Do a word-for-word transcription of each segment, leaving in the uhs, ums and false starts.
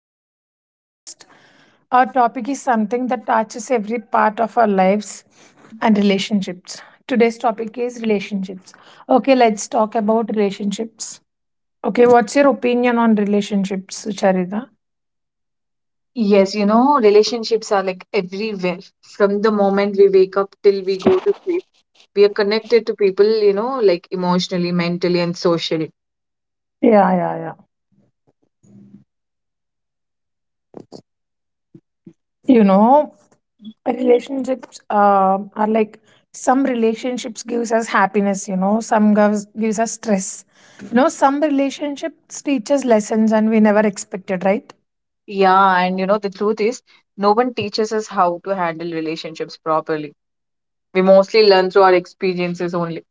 Welcome to our podcast. Our topic is something that touches every part of our lives and relationships. Today's topic is relationships. Okay, let's talk about relationships. Okay, what's your opinion on relationships, Sucharita? Yes, you know, relationships are like everywhere. From the moment we wake up till we go to sleep, we are connected to people, you know, like emotionally, mentally, and socially. Yeah, yeah, yeah. You know, relationships um are like some relationships gives us happiness. You know, some gives gives us stress. You know, some relationships teach us lessons and we never expected, right? Yeah, and you know, the truth is, no one teaches us how to handle relationships properly. We mostly learn through our experiences only.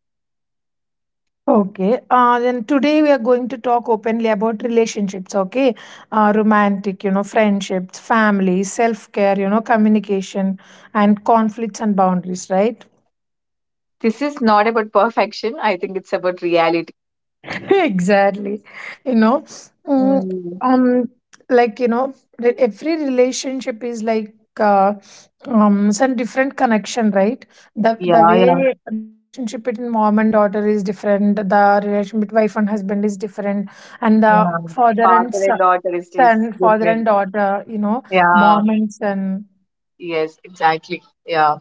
Okay. Uh, then today we are going to talk openly about relationships. Okay, uh, romantic, you know, friendships, family, self care, you know, communication, and conflicts and boundaries, right? This is not about perfection. I think it's about reality. Exactly. you know mm, Mm, um like you know re- every relationship is like uh, um some different connection, right? the yeah, the yeah, way the relationship between mom and daughter is different, the relationship between wife and husband is different, and the yeah. father and Father son, and daughter is this son father and different. daughter, you know, Yeah, mom and son. yes, exactly. Yeah,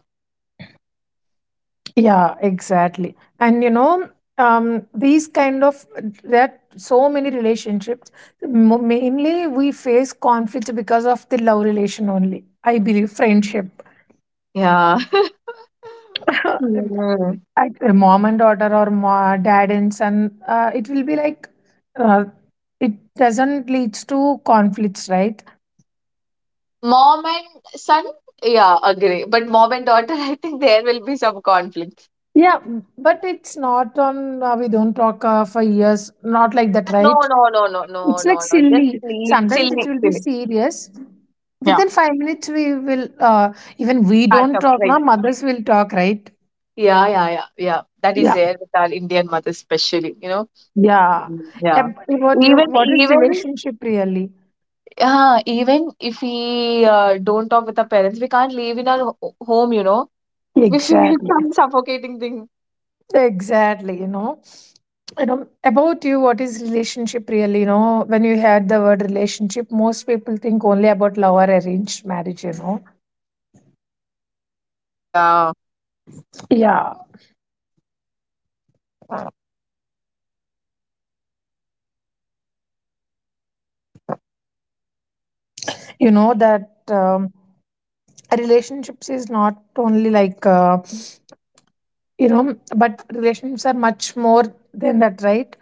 Yeah, exactly. And you know, um, these kind of, there are so many relationships. Mo- Mainly, we face conflicts because of the love relation only. I believe friendship. yeah. Hmm. Like, uh, mom and daughter or ma- dad and son, uh, it will be like uh, it doesn't leads to conflicts, right? Mom and son, yeah, agree. But mom and daughter, I think there will be some conflicts. Yeah, but it's not on. Uh, we don't talk uh, for years, not like that, No, right? no, no, no, no, It's like no, no. Just silly. silly, Sometimes it silly, will be silly. serious. Yeah, Within five minutes, we will, uh, even we patch don't up, talk right? now, mothers will talk, right? Yeah, yeah, yeah, yeah. That is Yeah, there with our Indian mother, especially. You know, yeah. mm, yeah. Ab- About you, Even, what is even, relationship really? uh, even if we uh, don't talk with our parents, we can't live in our ho- home. You know, we feel Exactly, some suffocating thing. exactly. You know, you know about you. What is relationship really? You know, when you heard the word relationship, most people think only about love or arranged marriage. You know, Yeah. yeah. You know that um, relationships is not only like. Uh, You know, but relationships are much more than that, right?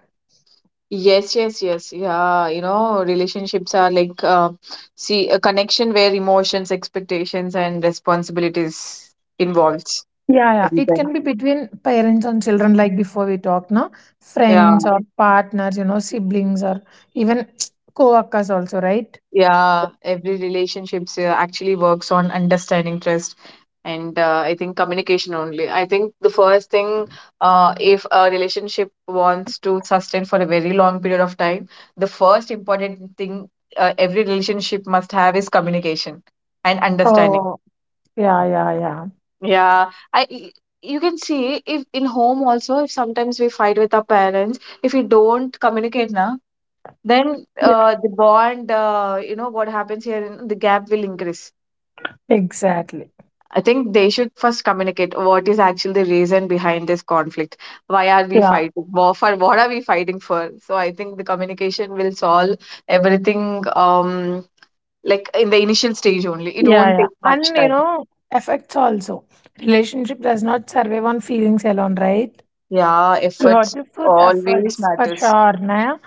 Yes, yes, yes. Yeah, you know, relationships are like uh, see a connection where emotions, expectations, and responsibilities involves Yeah, yeah. It everything. can be between parents and children, like before we talked, no? Yeah, Friends or partners, you know, siblings or even co-workers also, right? yeah. Every relationships uh, actually works on understanding, trust, and uh, I think communication only. I think the first thing, uh, if a relationship wants to sustain for a very long period of time, the first important thing uh, every relationship must have is communication and understanding. Oh, yeah, yeah, yeah, Yeah, I y- you can see if in home also, if sometimes we fight with our parents, if we don't communicate now, then yeah, uh, the bond, uh, you know what happens here, in the gap will increase. exactly. I think they should first communicate what is actually the reason behind this conflict. Why are we Yeah, fighting? Wha- For what are we fighting for? So I think the communication will solve everything. Um, like in the initial stage only, it yeah, won't yeah. take much And you time. know, effects also. Relationship does not survive on feelings alone, right? Yeah, You have efforts to put always efforts for matters. sure, na?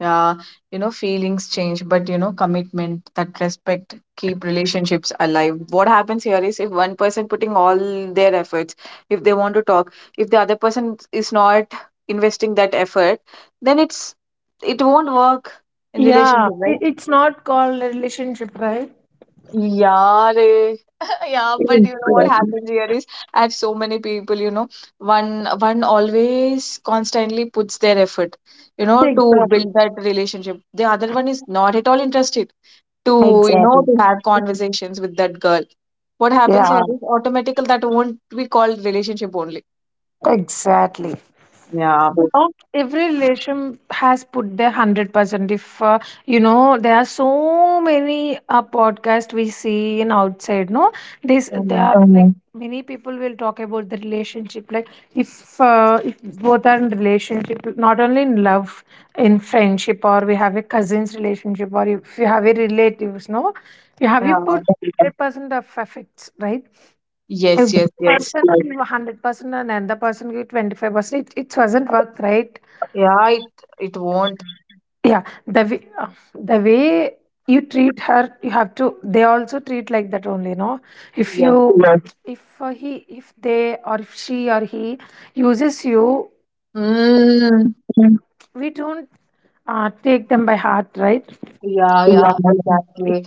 Yeah, you know, feelings change, but you know, commitment, that respect, keep relationships alive. What happens here is, if one person putting all their efforts, if they want to talk, if the other person is not investing that effort, then it's it won't work in Yeah, relationship, it, right? it's not called a relationship, right? Yeah, they- yeah, but Mm, you know what correct. happens here is I have so many people, you know, one one always constantly puts their effort, you know, to Exactly. build that relationship. The other one is not at all interested to, you know, Exactly. to have conversations with that girl. What happens here Yeah, is automatical that won't be called relationship only. exactly. Yeah. Not every relation has put their one hundred percent if uh, you know there are so many uh, podcast we see in outside, no? This there Mhm. are like, mhm, many people will talk about the relationship, like if uh, if both are in relationship not only in love, in friendship, or we have a cousin's relationship, or if you have a relatives, no, you have, Yeah. you put one hundred percent of effects, right? Yes, If yes, yes. one person give one hundred percent and another person give twenty-five percent, it, it doesn't work, right? Yeah, it it won't. Yeah, the way, uh, the way you treat her you have to, they also treat like that only, no? If you, Yes. yeah, if uh, he, if they or if she or he uses you. Mm. Yeah, we don't uh, take them by heart, right? Yeah, yeah, Yeah. exactly.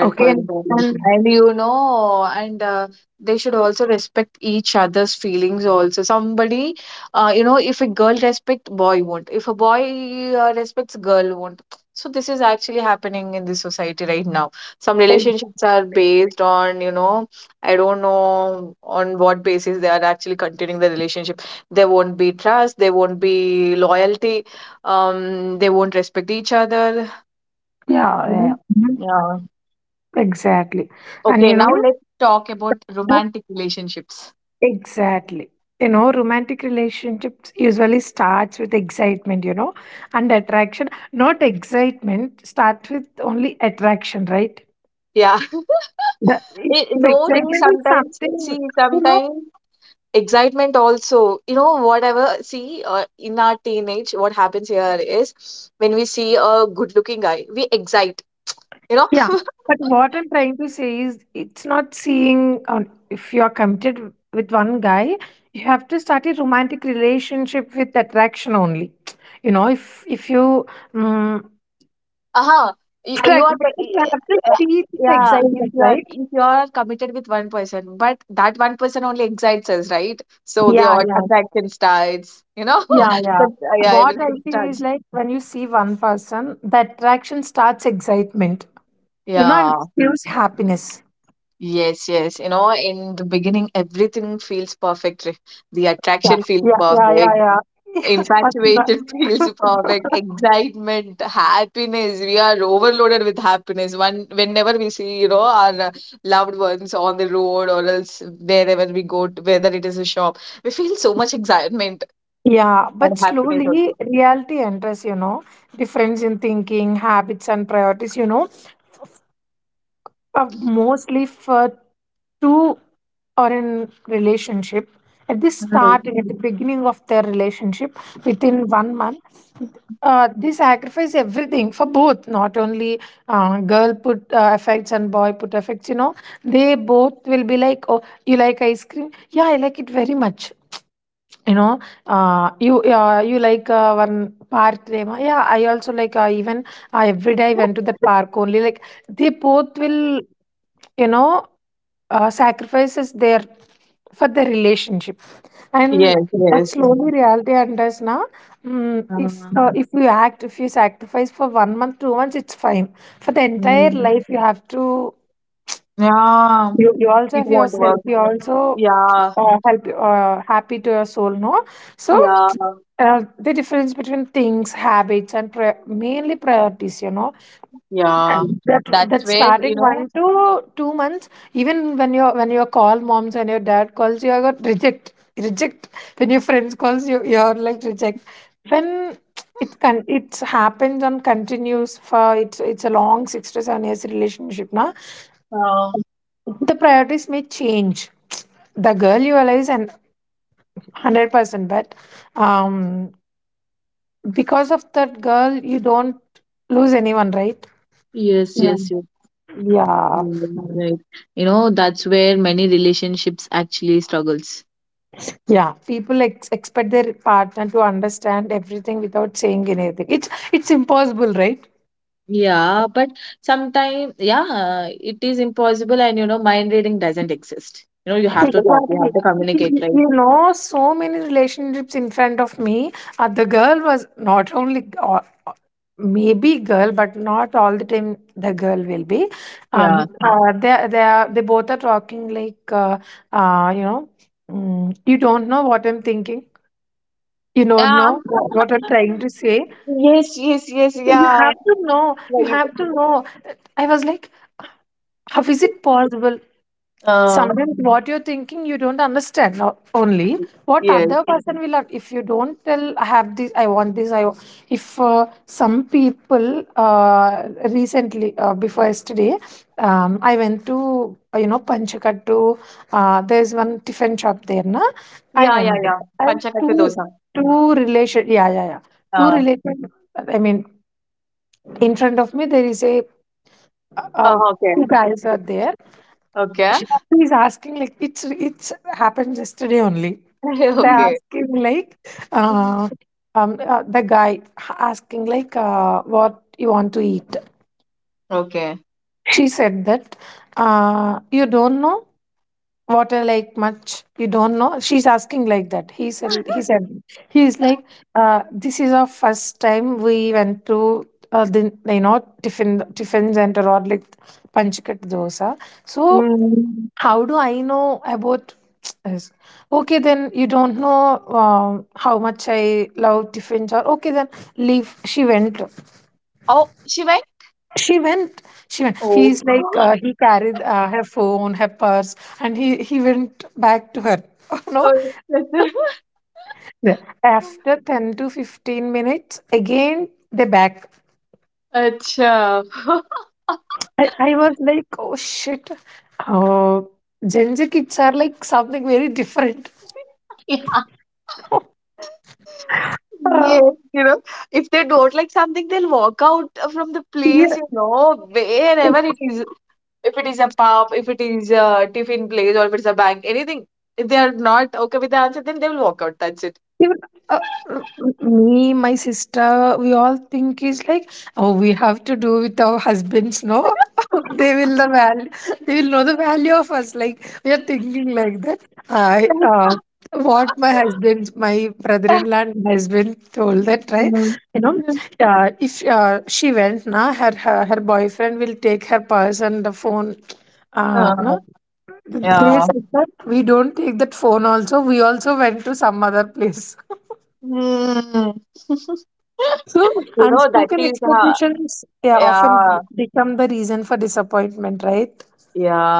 Okay, and, and And you know, and uh, they should also respect each other's feelings also. Somebody, uh, you know, if a girl respect, boy won't. If a boy uh, respects, girl won't. So this is actually happening in this society right now. Some relationships are based on, you know, I don't know on what basis they are actually continuing the relationship. There won't be trust, there won't be loyalty, um, they won't respect each other, yeah, you know. yeah, mhm, Yeah. exactly, and Okay, you now know, let's talk about romantic relationships. exactly. You know, romantic relationships usually starts with excitement, you know, and attraction. Not excitement, start with only attraction, right? Yeah. The, It, if no, really, excitement is sometimes, see, something, you know, sometimes excitement also, you know, whatever, see, uh, in our teenage, what happens here is when we see a good looking guy, we excite, you know, yeah. But what I'm trying to say is it's not seeing, um, if you're committed with one guy, you have to start a romantic relationship with attraction only. You know, if if you, um, uh-huh. You, after you attraction, are, you the- have to uh, see the yeah, if excitement, you are, right? if you are committed with one person, but that one person only excites us, right? So the Yeah, odd yeah. attraction starts, you know, Yeah, yeah. that, yeah, What I everything feel is starts. like, when you see one person, the attraction starts excitement, you know, and Yeah. feels happiness. Yes, yes. You know, in the beginning, everything feels perfect. Re- The Yeah, attraction feels yeah, yeah, yeah, perfect. yeah. Yeah, but the- Infatuation feels perfect. Excitement, happiness. We are overloaded with happiness. One, whenever we see, you know, our uh, loved ones on the road or else wherever we go, to, whether it is a shop, we feel so much excitement Yeah, and but happiness slowly also. reality enters, you know, difference in thinking, habits, and priorities, you know, uh, mostly for two are in relationship at the Mm. start and at the beginning of their relationship within one month. Uh, they sacrifice everything for both, not only uh, girl put uh, effects and boy put effects, you know, they both will be like, oh, you like ice cream? Yeah, I like it very much. You know, uh, you uh, you like uh, one park, Rema. Yeah, I also like, uh, even uh, every day I went to that park only. Like they both will, you know, uh, sacrifices their for the relationship. And Yes, that yes. slowly reality enters now. Mm, if Uh, uh, if you act, if you sacrifice for one month, two months, it's fine. For the entire mm. life you have to, Yeah, you, you also it have won't yourself, work. you also Yeah, uh, help uh, happy to your soul, no? So yeah. uh, the difference between things, habits, and pri- mainly priorities, you know, Yeah, and that that's that where, starting you know, one to two months, even when you're when you call moms and your dad calls you, you are reject reject. When your friends calls you, you're like reject. When it can it happens and continues for, it's it's a long six to seven years relationship, na, uh, the priorities may change, the girl you realize and one hundred percent, but um because of that girl you don't lose anyone, right? yes, Yeah, yes, yes, yeah, mm, right. You know, that's where many relationships actually struggles. yeah. People ex- expect their partner to understand everything without saying anything. It's it's impossible, right? Yeah, but sometimes, yeah, it is impossible, and you know, mind reading doesn't exist. You know, you have to talk, you Exactly. have to communicate, right? You know, so many relationships in front of me. Uh, the girl was not only or- or maybe girl, but not all the time the girl will be. Um, Yeah. uh, they they are they both are talking like uh, uh, you know, mm, you don't know what I'm thinking. You don't Ah, know what I'm trying to say. yes, yes, yes, You yeah. have to know. You Right. have to know. I was like, how is it possible? Uh, Sometimes what you're thinking, you don't understand o- only what yes. other person will. un- If you don't tell, I have this, I want this. I wa-" if uh, some people, uh, recently, uh, before yesterday, um, I went to, uh, you know, Panchakat to, uh, there's one tiffin shop there, na, I Yeah, yeah, went, yeah. and Panchakattu two, dosa. two relation. Yeah, yeah, yeah. Two Uh, relation. I mean, in front of me there is a uh, uh, oh, okay. two guys are there. Okay. Shraddha is asking like, it's it's happened yesterday only. They're Okay. asking like uh, um uh, the guy asking like, uh, what you want to eat. Okay. She said that, uh, you don't know. Water like much you don't know? She's asking like that. He said he said he's like uh, this is our first time we went to uh, the, you know, tiffin tiffin center or like panchkat dosa. So Mm. how do I know about this? Okay, then you don't know um, how much I love tiffins or, okay, then leave. She went. Oh, she went? She went. She went. Oh, He's like, uh, he carried uh, her phone, her purse, and he he went back to her. No, अच्छा yeah, after ten to fifteen minutes, again they back. अच्छा अच्छा. I, I was like, oh shit. Oh, Gen Z kids are like something very different. Yeah, yes, Uh, you know, if they don't like something, they'll walk out from the place, yeah, you know, wherever it is. If it is a pub, if it is a tiffin place, or if it's a bank, anything. If they are not okay with the answer, then they will walk out. That's it. even, uh, uh, me, my sister, we all think is like, oh, we have to do with our husbands, no? They will the value, they will know the value of us. Like we are thinking like that. I uh, Yeah. What my husband, my brother-in-law, and my husband told, that right. Mm. You know, Yeah. uh, if uh, she went, na, her, her her boyfriend will take her purse and the phone. Uh, no, they Yeah. said that we don't take that phone. Also, we also went to some other place. Mm. So, You know, that unspoken is uh, expectations, yeah, often yeah, become the reason for disappointment, right?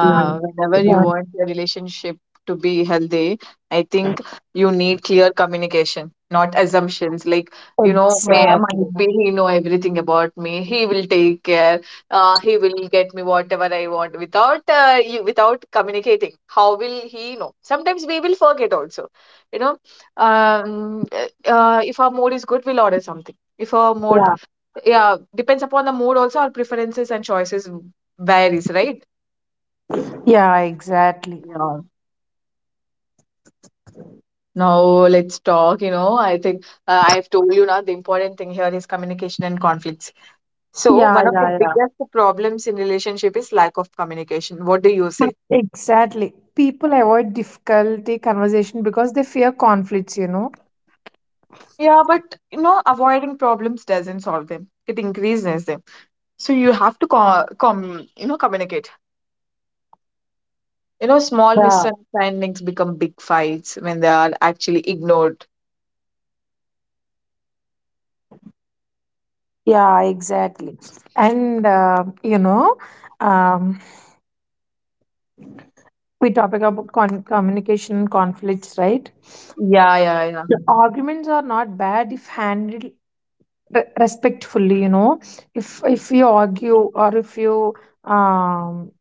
Yeah. Whenever you Yeah, want your relationship to be healthy, I think you need clear communication, not assumptions. Like, you know, may exactly. might be he know everything about me. He will take care. Uh, he will get me whatever I want without uh, you, without communicating. How will he know? Sometimes we will forget also. You know, um, uh, uh, if our mood is good, we'll order something. If our mood, Yeah. yeah, depends upon the mood also, our preferences and choices varies, right? Yeah, exactly. Yeah. Now let's talk, you know, I think uh, I've told you now the important thing here is communication and conflicts. So Yeah, one of the yeah, biggest problems in relationship is lack of communication. What do you yeah. say? Exactly. People avoid difficulty conversation because they fear conflicts, you know. Yeah, but you know, avoiding problems doesn't solve them. It increases them. So you have to com, com you know, communicate. You know, small Yeah. misunderstandings become big fights when they are actually ignored. Yeah, exactly. And, uh, you know, um, we talk about con- communication conflicts, right? Yeah, yeah, The arguments are not bad if handled re- respectfully, you know. If if you argue, or if you, um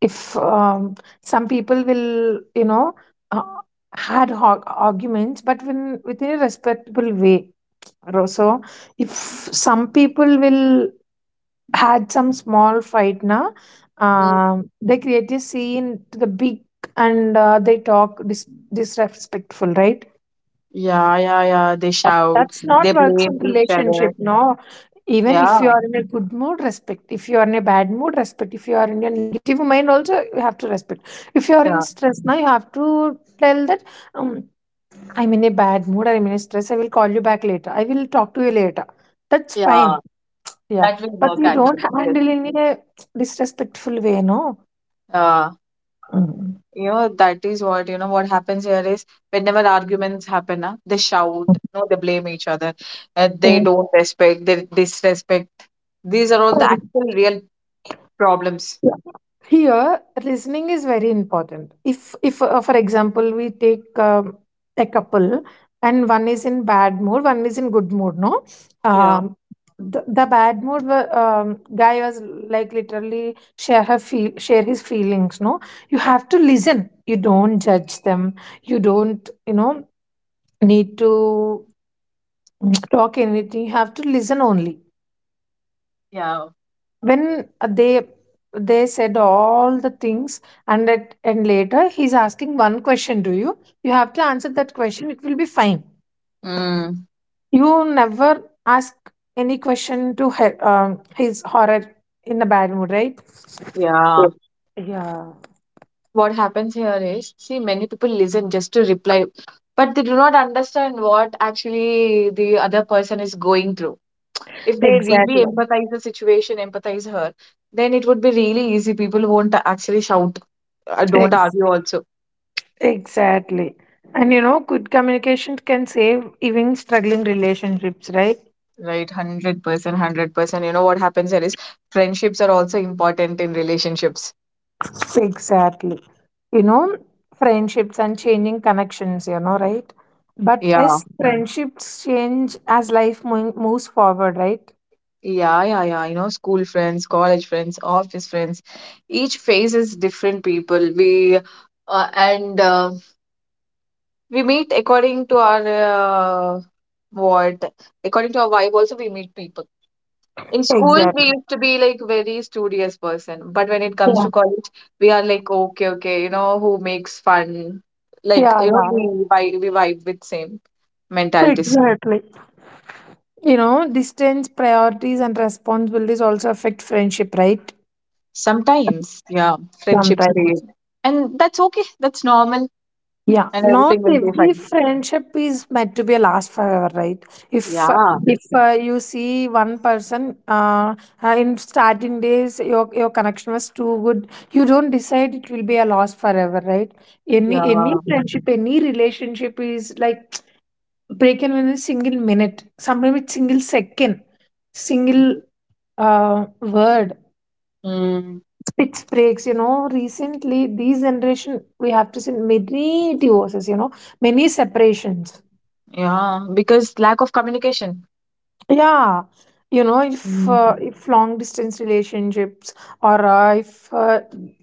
if um, some people will, you know, uh, had ho- arguments, but when within a respectable way. Ro- so if some people will had some small fight now, yeah. um, they create a scene to the big, and uh, they talk dis- disrespectful, right? Yeah, yeah, yeah. They shout, That's not they works blame in each other. relationship, no. Even if you Yeah, are in a good mood, respect. If you are in a bad mood, respect. If you are in a negative mind, also you have to respect. If you are in yeah, stress now, you have to tell that, um, I'm in a bad mood or I'm in a stress. I will call you back later. I will talk to you later. That's yeah. fine. Yeah, That will but work you don't actually. Yes. handle in a disrespectful way, no. Uh, Mm. you know, that is what, you know, what happens here is whenever arguments happen, uh, they shout, no, they blame each other. Uh, they Yeah. don't respect, they disrespect. These are all the actual real problems. Here, listening is very important. If, if uh, For example, we take um, a couple and one is in bad mood, one is in good mood, no? Yeah, Um, the, the bad mood wa- um, guy was like literally share her feel share his feelings, no? You have to listen, you don't judge them, you don't you know need to talk anything, you have to listen only. yeah. When uh, they they said all the things and at, and later he's asking one question to you, you have to answer that question, it will be fine. Mm, You never ask any question to her, um, his horror in a bad mood, right? yeah. Yeah. What happens here is, see, many people listen just to reply, but they do not understand what actually the other person is going through. If they Exactly. really empathize the situation, empathize her, then it would be really easy. People won't actually shout, uh, don't Ex- argue also, exactly. And you know, good communication can save even struggling relationships, right? right. one hundred percent, one hundred percent. You know what happens here is friendships are also important in relationships. Exactly. You know, friendships and changing connections, you know, right? But Yeah, as friendships change, as life mo- moves forward, right? yeah, yeah, yeah, you know, school friends, college friends, office friends, each phase is different people we uh, and uh, we meet according to our uh, what according to our vibe also. We meet people. In school we Exactly. used to be like very studious person, but when it comes Yeah. to college, we are like okay, okay, you know, who makes fun, like, Yeah, you know, yeah. we vibe, we vibe with same mentalities. Exactly. You know, distance, priorities, and responsibilities also affect friendship, right? Sometimes, yeah, friendships fade, Sometimes. and that's okay, that's normal, Yeah, and not everything will be every fine. friendship is meant to be a last forever, right? If uh, Yeah, if uh, You see one person, uh, uh, in starting days, your your connection was too good. You don't decide it will be a loss forever, right? yeah. Any any friendship, any relationship is like breaking in a single minute. Sometimes it's single second, single uh, word. Mm, Pitch breaks, you know, recently, these generation, we have to see many divorces, you know, many separations. yeah, because lack of communication. Yeah, you know, if Mm, uh, if long distance relationships, or uh, if uh,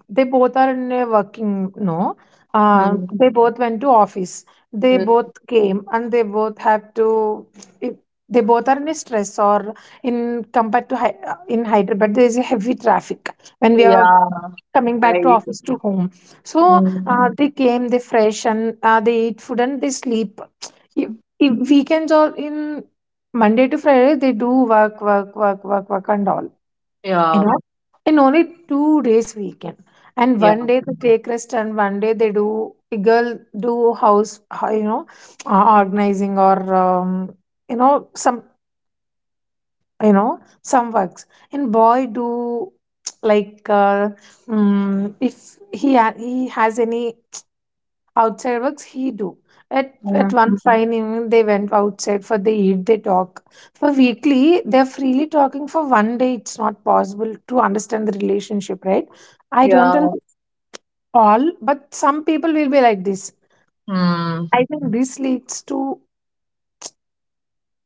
they both are in a working, no, uh, mm, they both went to office, they mm. both came, and they both have to. If they both are in a stress, or in compared to Hy- uh, in Hyderabad, there is a heavy traffic when we are Yeah, coming back to right. office to home. So Mm. uh, they came, they fresh, and uh, they eat food and they sleep. If, if weekends, or in Monday to Friday, they do work, work, work, work, work, and all. You Yeah, know, and only two days weekend. And yeah, one day they take rest, and one day they do girl do house, ho- you know, uh, organizing, or um, you know, some you know, some works. And boy do like uh, mm if he ha- he has any outside works he do at at mm, one Mhm. fine evening they went outside for they eat they talk for weekly they're freely talking. For one day it's not possible to understand the relationship, right? I don't tell yeah. all, but some people will be like this. Mm. I think this leads to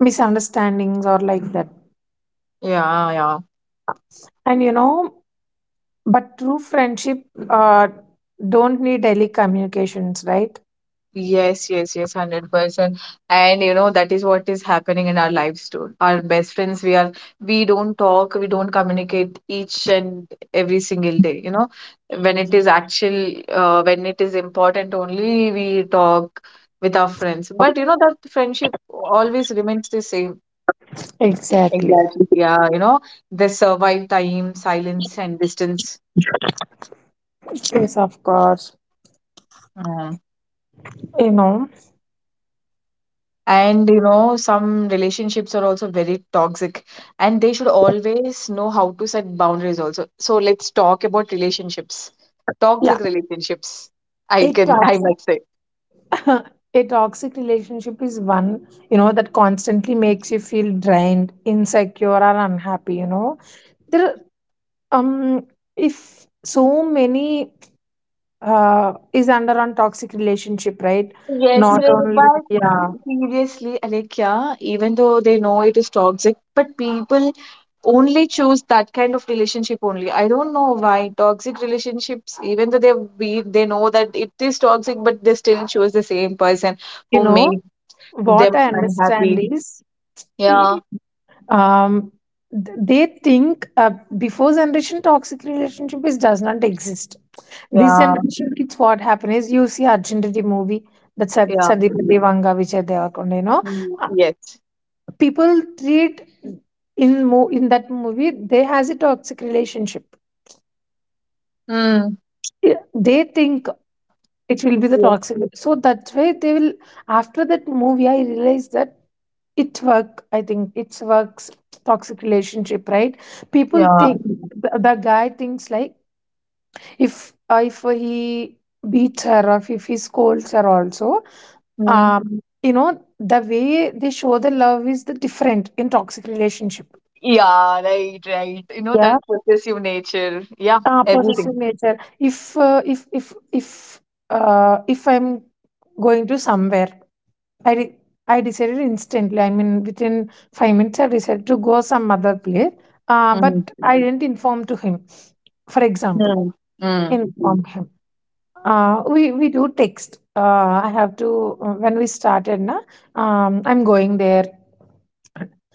misunderstandings or like that. Yeah, yeah. And you know, but true friendship uh, don't need daily communications, right? Yes, yes, yes, one hundred percent. And you know, that is what is happening in our lives too. Our best friends, we are, we don't talk, we don't communicate each and every single day, you know. When it is actual, uh, when it is important only, we talk with our friends. But you know, that friendship always remains the same. Exactly. Exactly. Yeah, you know, they survive time, silence, and distance. Yes, of course. Um, You know. and you know, some relationships are also very toxic, and they should always know how to set boundaries also. So let's talk about relationships, Yeah. toxic relationships. I It can, I talks must say. a toxic relationship is one, you know, that constantly makes you feel drained, insecure, or unhappy, you know. There are, um if so many uh is under on toxic relationship, right? Yes, Not Ray, only. but Yeah, seriously, Alekia, even though they know it is toxic, but people only choose that kind of relationship only. I don't know why toxic relationships, even though they be they know that it is toxic, but they still choose the same person you who know. makes What them I understand unhappy. is, Yeah, um, th- they think, uh, before generation toxic relationship is does not exist. This yeah, generation kids, what happen is, you see Arjunity movie, that Sa- yeah, Sandeep Devanga, Vijay Devakonda, you know. mm, uh, yes, People treat in mo- in that movie they has a toxic relationship. mm, Yeah, they think it will be the yeah, toxic, so that's why they will. After that movie I realized that it work, I think it's works toxic relationship, right? People yeah, think the, the guy thinks like, if uh, if he beats her or if he scolds her also, mm, um, you know, the way they show the love is the different in toxic relationship. yeah, right, right. You know, that Yeah, possessive nature, yeah, uh, everything. possessive nature. If uh, if if if uh, if I'm going to somewhere, I de- Mm, I decided instantly. I mean, within five minutes, I decided to go some other place. Uh, mm, but I didn't inform to him. For example, mm, mm, inform him. Uh, we we do text. Uh, I have to uh, when we started na. Um, I'm going there. mm,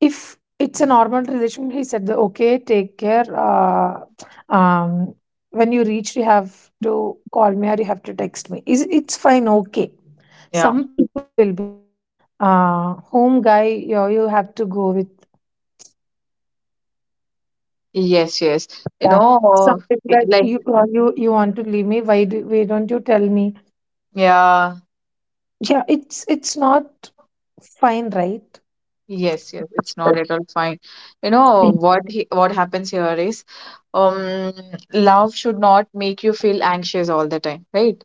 If it's a normal relation, he said that, "Okay, take care. Uh, um, when you reach, you have to call me or you have to text me. Is it's fine? Okay." yeah, Some people will be like, uh, "Home guy, you you have to go with." yes, yes, you That. Some know, people it- are, like, you you you want to leave me? Why do, why don't you tell me? yeah. Yeah, it's it's not fine, right? Yes, yes, it's not Right. at all fine. You know what he, what happens here is, um, love should not make you feel anxious all the time, right?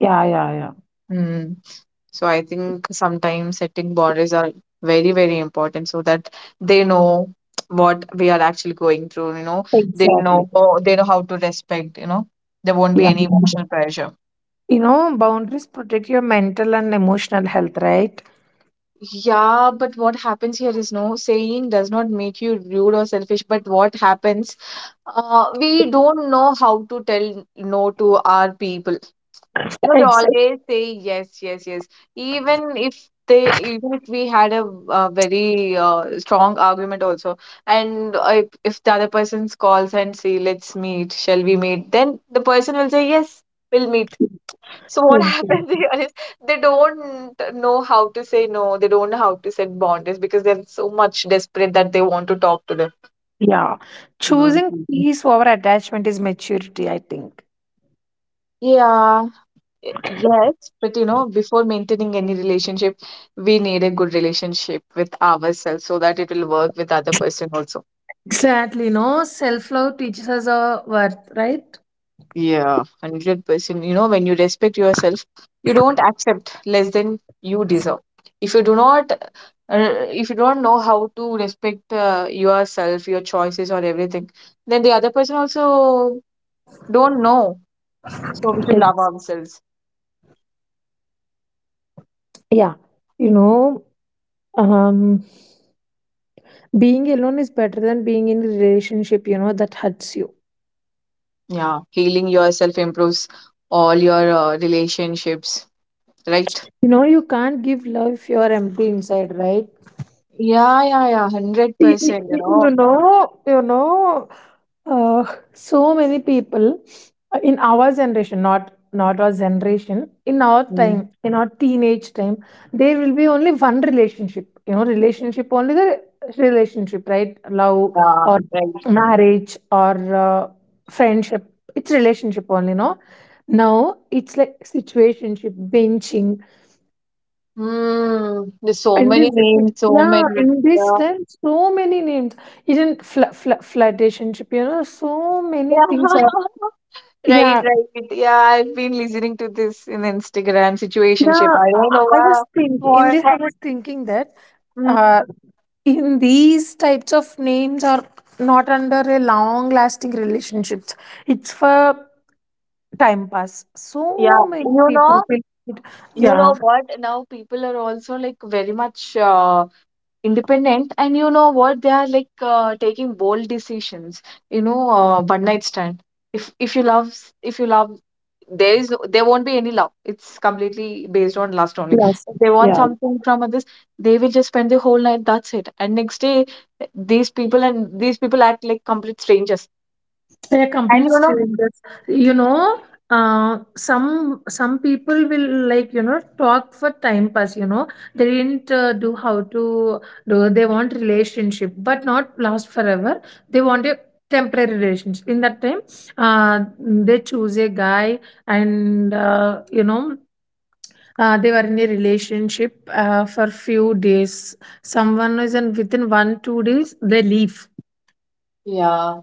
Yeah, yeah, yeah. Mm. So I think sometimes setting boundaries are very, very important, so that they know what we are actually going through. You know, they Exactly. know, they know how to respect. You know, there won't be Yeah. any emotional pressure. You know, boundaries protect your mental and emotional health, right? Yeah, but what happens here is no saying does not make you rude or selfish. But what happens, Uh, we don't know how to tell no to our people. You know, we always say yes, yes, yes. Even if they, even if we had a uh very uh, strong argument also, and uh, if, if the other person calls and say, "Let's meet, shall we meet?" Then the person will say, "Yes, we'll meet." So what happens Exactly. here is they don't know how to say no. They don't know how to set boundaries because they're so much desperate that they want to talk to them. Yeah. Mm. Choosing Mhm. peace over attachment is maturity, I think. Yeah, Yes, but you know, before maintaining any relationship, we need a good relationship with ourselves so that it will work with other person also. Exactly. No, self love teaches us our worth, right? Yeah, one hundred percent. You know, when you respect yourself, you don't accept less than you deserve. If you do not, uh, if you don't know how to respect uh, yourself, your choices or everything, then the other person also don't know. So we should love Ex- ourselves. Yeah. You know, um, being alone is better than being in a relationship, you know, that hurts you. Yeah, healing yourself improves all your uh, relationships, right? You know, you can't give love if you are empty inside, right? Yeah, yeah, yeah, Y- y- one hundred percent, you y- You know. know, you know, uh, so many people uh, in our generation, not not our generation, in our Mm, time, in our teenage time, there will be only one relationship. You know, relationship only the relationship, right? Love Yeah, or right. marriage or uh, friendship. It's relationship only, no. Now it's like situationship, benching, Mm, there's so in this, many names, so yeah, many. in this Yeah. time, so many names. Even fl fl flirtationship, you know, so Yeah. many things are. Right, Yeah, right. Yeah, I've been listening to this in Instagram situationship. yeah. I I don't know I why. was thinking in More. this. I was thinking that Mm, uh, in these types of names are not under a long-lasting relationships. It's for time pass. yeah, So many you people know, think it. you Yeah. know what? Now people are also like very much uh, independent, and you know what, they are like uh, taking bold decisions, you know, uh, one night stand. If if you love s- if you love, there is no, there won't be any love, it's completely based on lust only. Yes. If they want Yeah. something from others, they will just spend the whole night, that's it, and next day these people and these people act like complete strangers, They're and complete you know. strangers. You know, uh, some some people will like, you know, talk for time pass. You know, they didn't uh, do how to do. They want relationship, but not last forever. They want a temporary relationship. In that time, uh, they choose a guy, and uh, you know, uh, they were in a relationship uh, for few days, someone is in within one two days they leave. Yeah.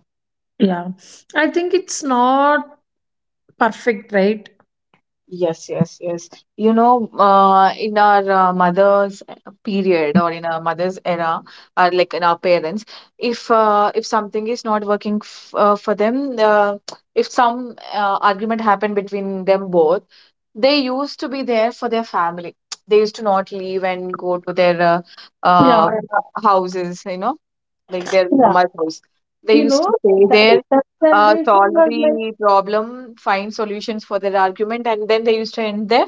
Yeah, I think it's not perfect, right? Yes, yes, yes. You know, uh, in our uh, mother's period, or in our mother's era, or like in our parents, if uh, if something is not working f uh, for them, uh, if some uh, argument happened between them both, they used to be there for their family. They used to not leave and go to their uh, Yeah, uh, houses, you know, like their yeah. mama's house. They You used know, to stay that, there, that uh, generation solve was like, the problem, find solutions for their argument, and then they used to end there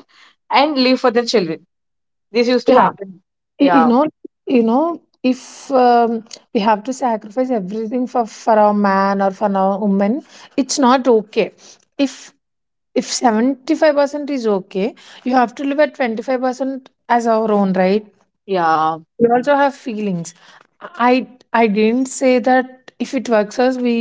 and leave for their children. This used to yeah, happen. y- you Yeah, know, you know, if um, we have to sacrifice everything for for our man or for our woman, it's not okay. If if seventy five percent is okay, you have to live at twenty five percent as our own, right? yeah, We also have feelings. I i didn't say that if it works us we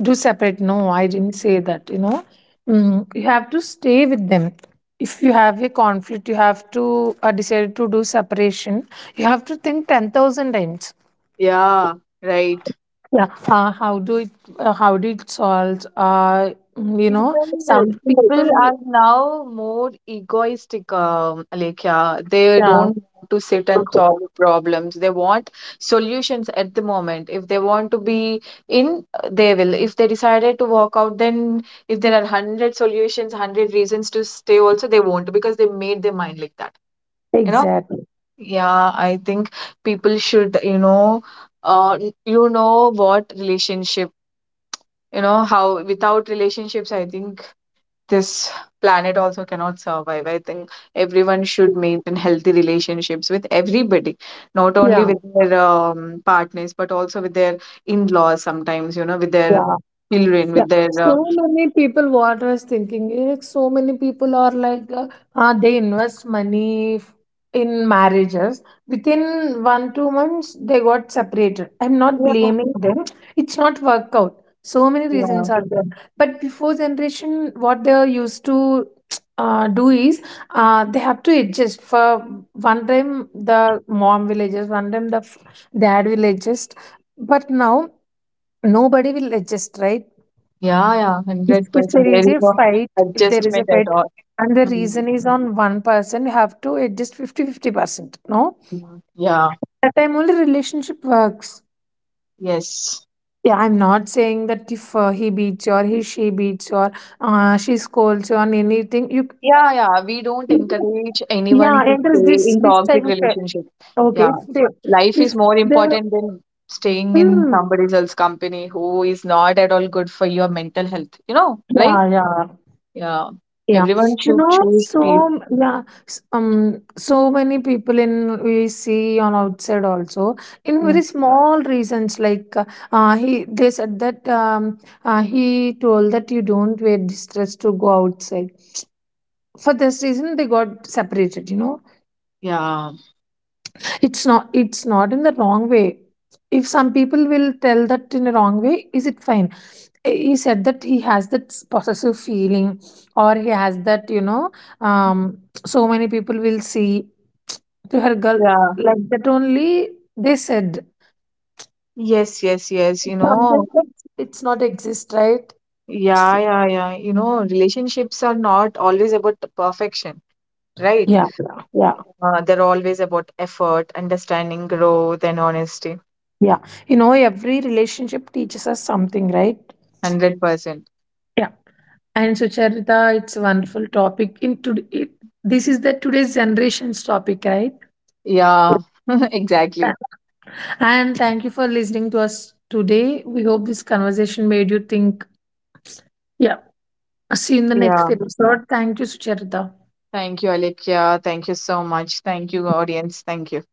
do separate, no, I didn't say that, you know. Mm, you have to stay with them. If you have a conflict, you have to uh, decide to do separation, you have to think ten thousand times. yeah, right. Yeah, uh, how do it, uh, how do it solve, uh, you know. Some People, people people. are now more egoistic, um, like yeah, they Yeah. don't want to sit and solve problems. They want solutions at the moment. If they want to be in, they will. If they decided to walk out, then if there are one hundred solutions, one hundred reasons to stay, also they won't, because they made their mind like that. You know? Exactly. Yeah, I think people should, you know, uh, you know what relationship. You know how without relationships, I think this planet also cannot survive. I think everyone should maintain healthy relationships with everybody, not only Yeah. with their um, partners, but also with their in laws sometimes, you know, with their Yeah. children, Yeah, with their. so Uh, many people. What I was thinking is, like, so many people are like, uh, uh, they invest money f- in marriages. Within one two months, they got separated. I'm not yeah, blaming them. It's not work out. So many yeah, reasons are there. But before generation, what they are used to uh, do is, uh, they have to adjust. For one time, the mom will adjust. One time, the f- dad will adjust. But now, nobody will adjust, right? yeah, yeah, if, if one hundred percent. there There is is a no fight, if there is a adjustment at fight, all. and the Mm, reason is on one person, you have to adjust fifty-fifty percent, no. mm, Yeah, That time only relationship works. yes. Yeah, I'm not saying that if uh, he beats you, or he, she beats you, or uh, she scolds you on anything, you. Yeah, yeah. We don't encourage anyone Yeah, to and there's stay this in this type toxic of uh, relationship. okay, Yeah. if they Life is if more they. important than staying in Mm, somebody else's company who is not at all good for your mental health, you know, right? yeah, yeah. Yeah. Yeah, Everyone you should know, choose peace. so yeah, s- um, so many people in we see on outside also, in Mm. very small reasons like uh, uh, he they said that um, uh, he told that, you don't wear this dress to go outside. For this reason, they got separated. You know, Yeah. it's not, it's not in the wrong way. If some people will tell that in a wrong way, is it fine? Eh, he said that he has that possessive feeling, or he has that, you know, um, so many people will see to her girl Yeah. like that only, they said. Yes, yes, yes. You know, Sometimes it's it's not exist, right? yeah, yeah, yeah. You know, relationships are not always about perfection, right? Yeah, yeah, yeah, Uh, they're always about effort, understanding, growth, and honesty. yeah. You know, every relationship teaches us something, right? one hundred percent. And Sucharita, it's a wonderful topic. In today, it, this is the today's generation's topic, right? Yeah, Yeah. exactly. And thank you for listening to us today. We hope this conversation made you think. Yeah. See you in the next Yeah. episode. Thank you, Sucharita. Thank you, Alekhya. Thank you so much. Thank you, audience. Thank you.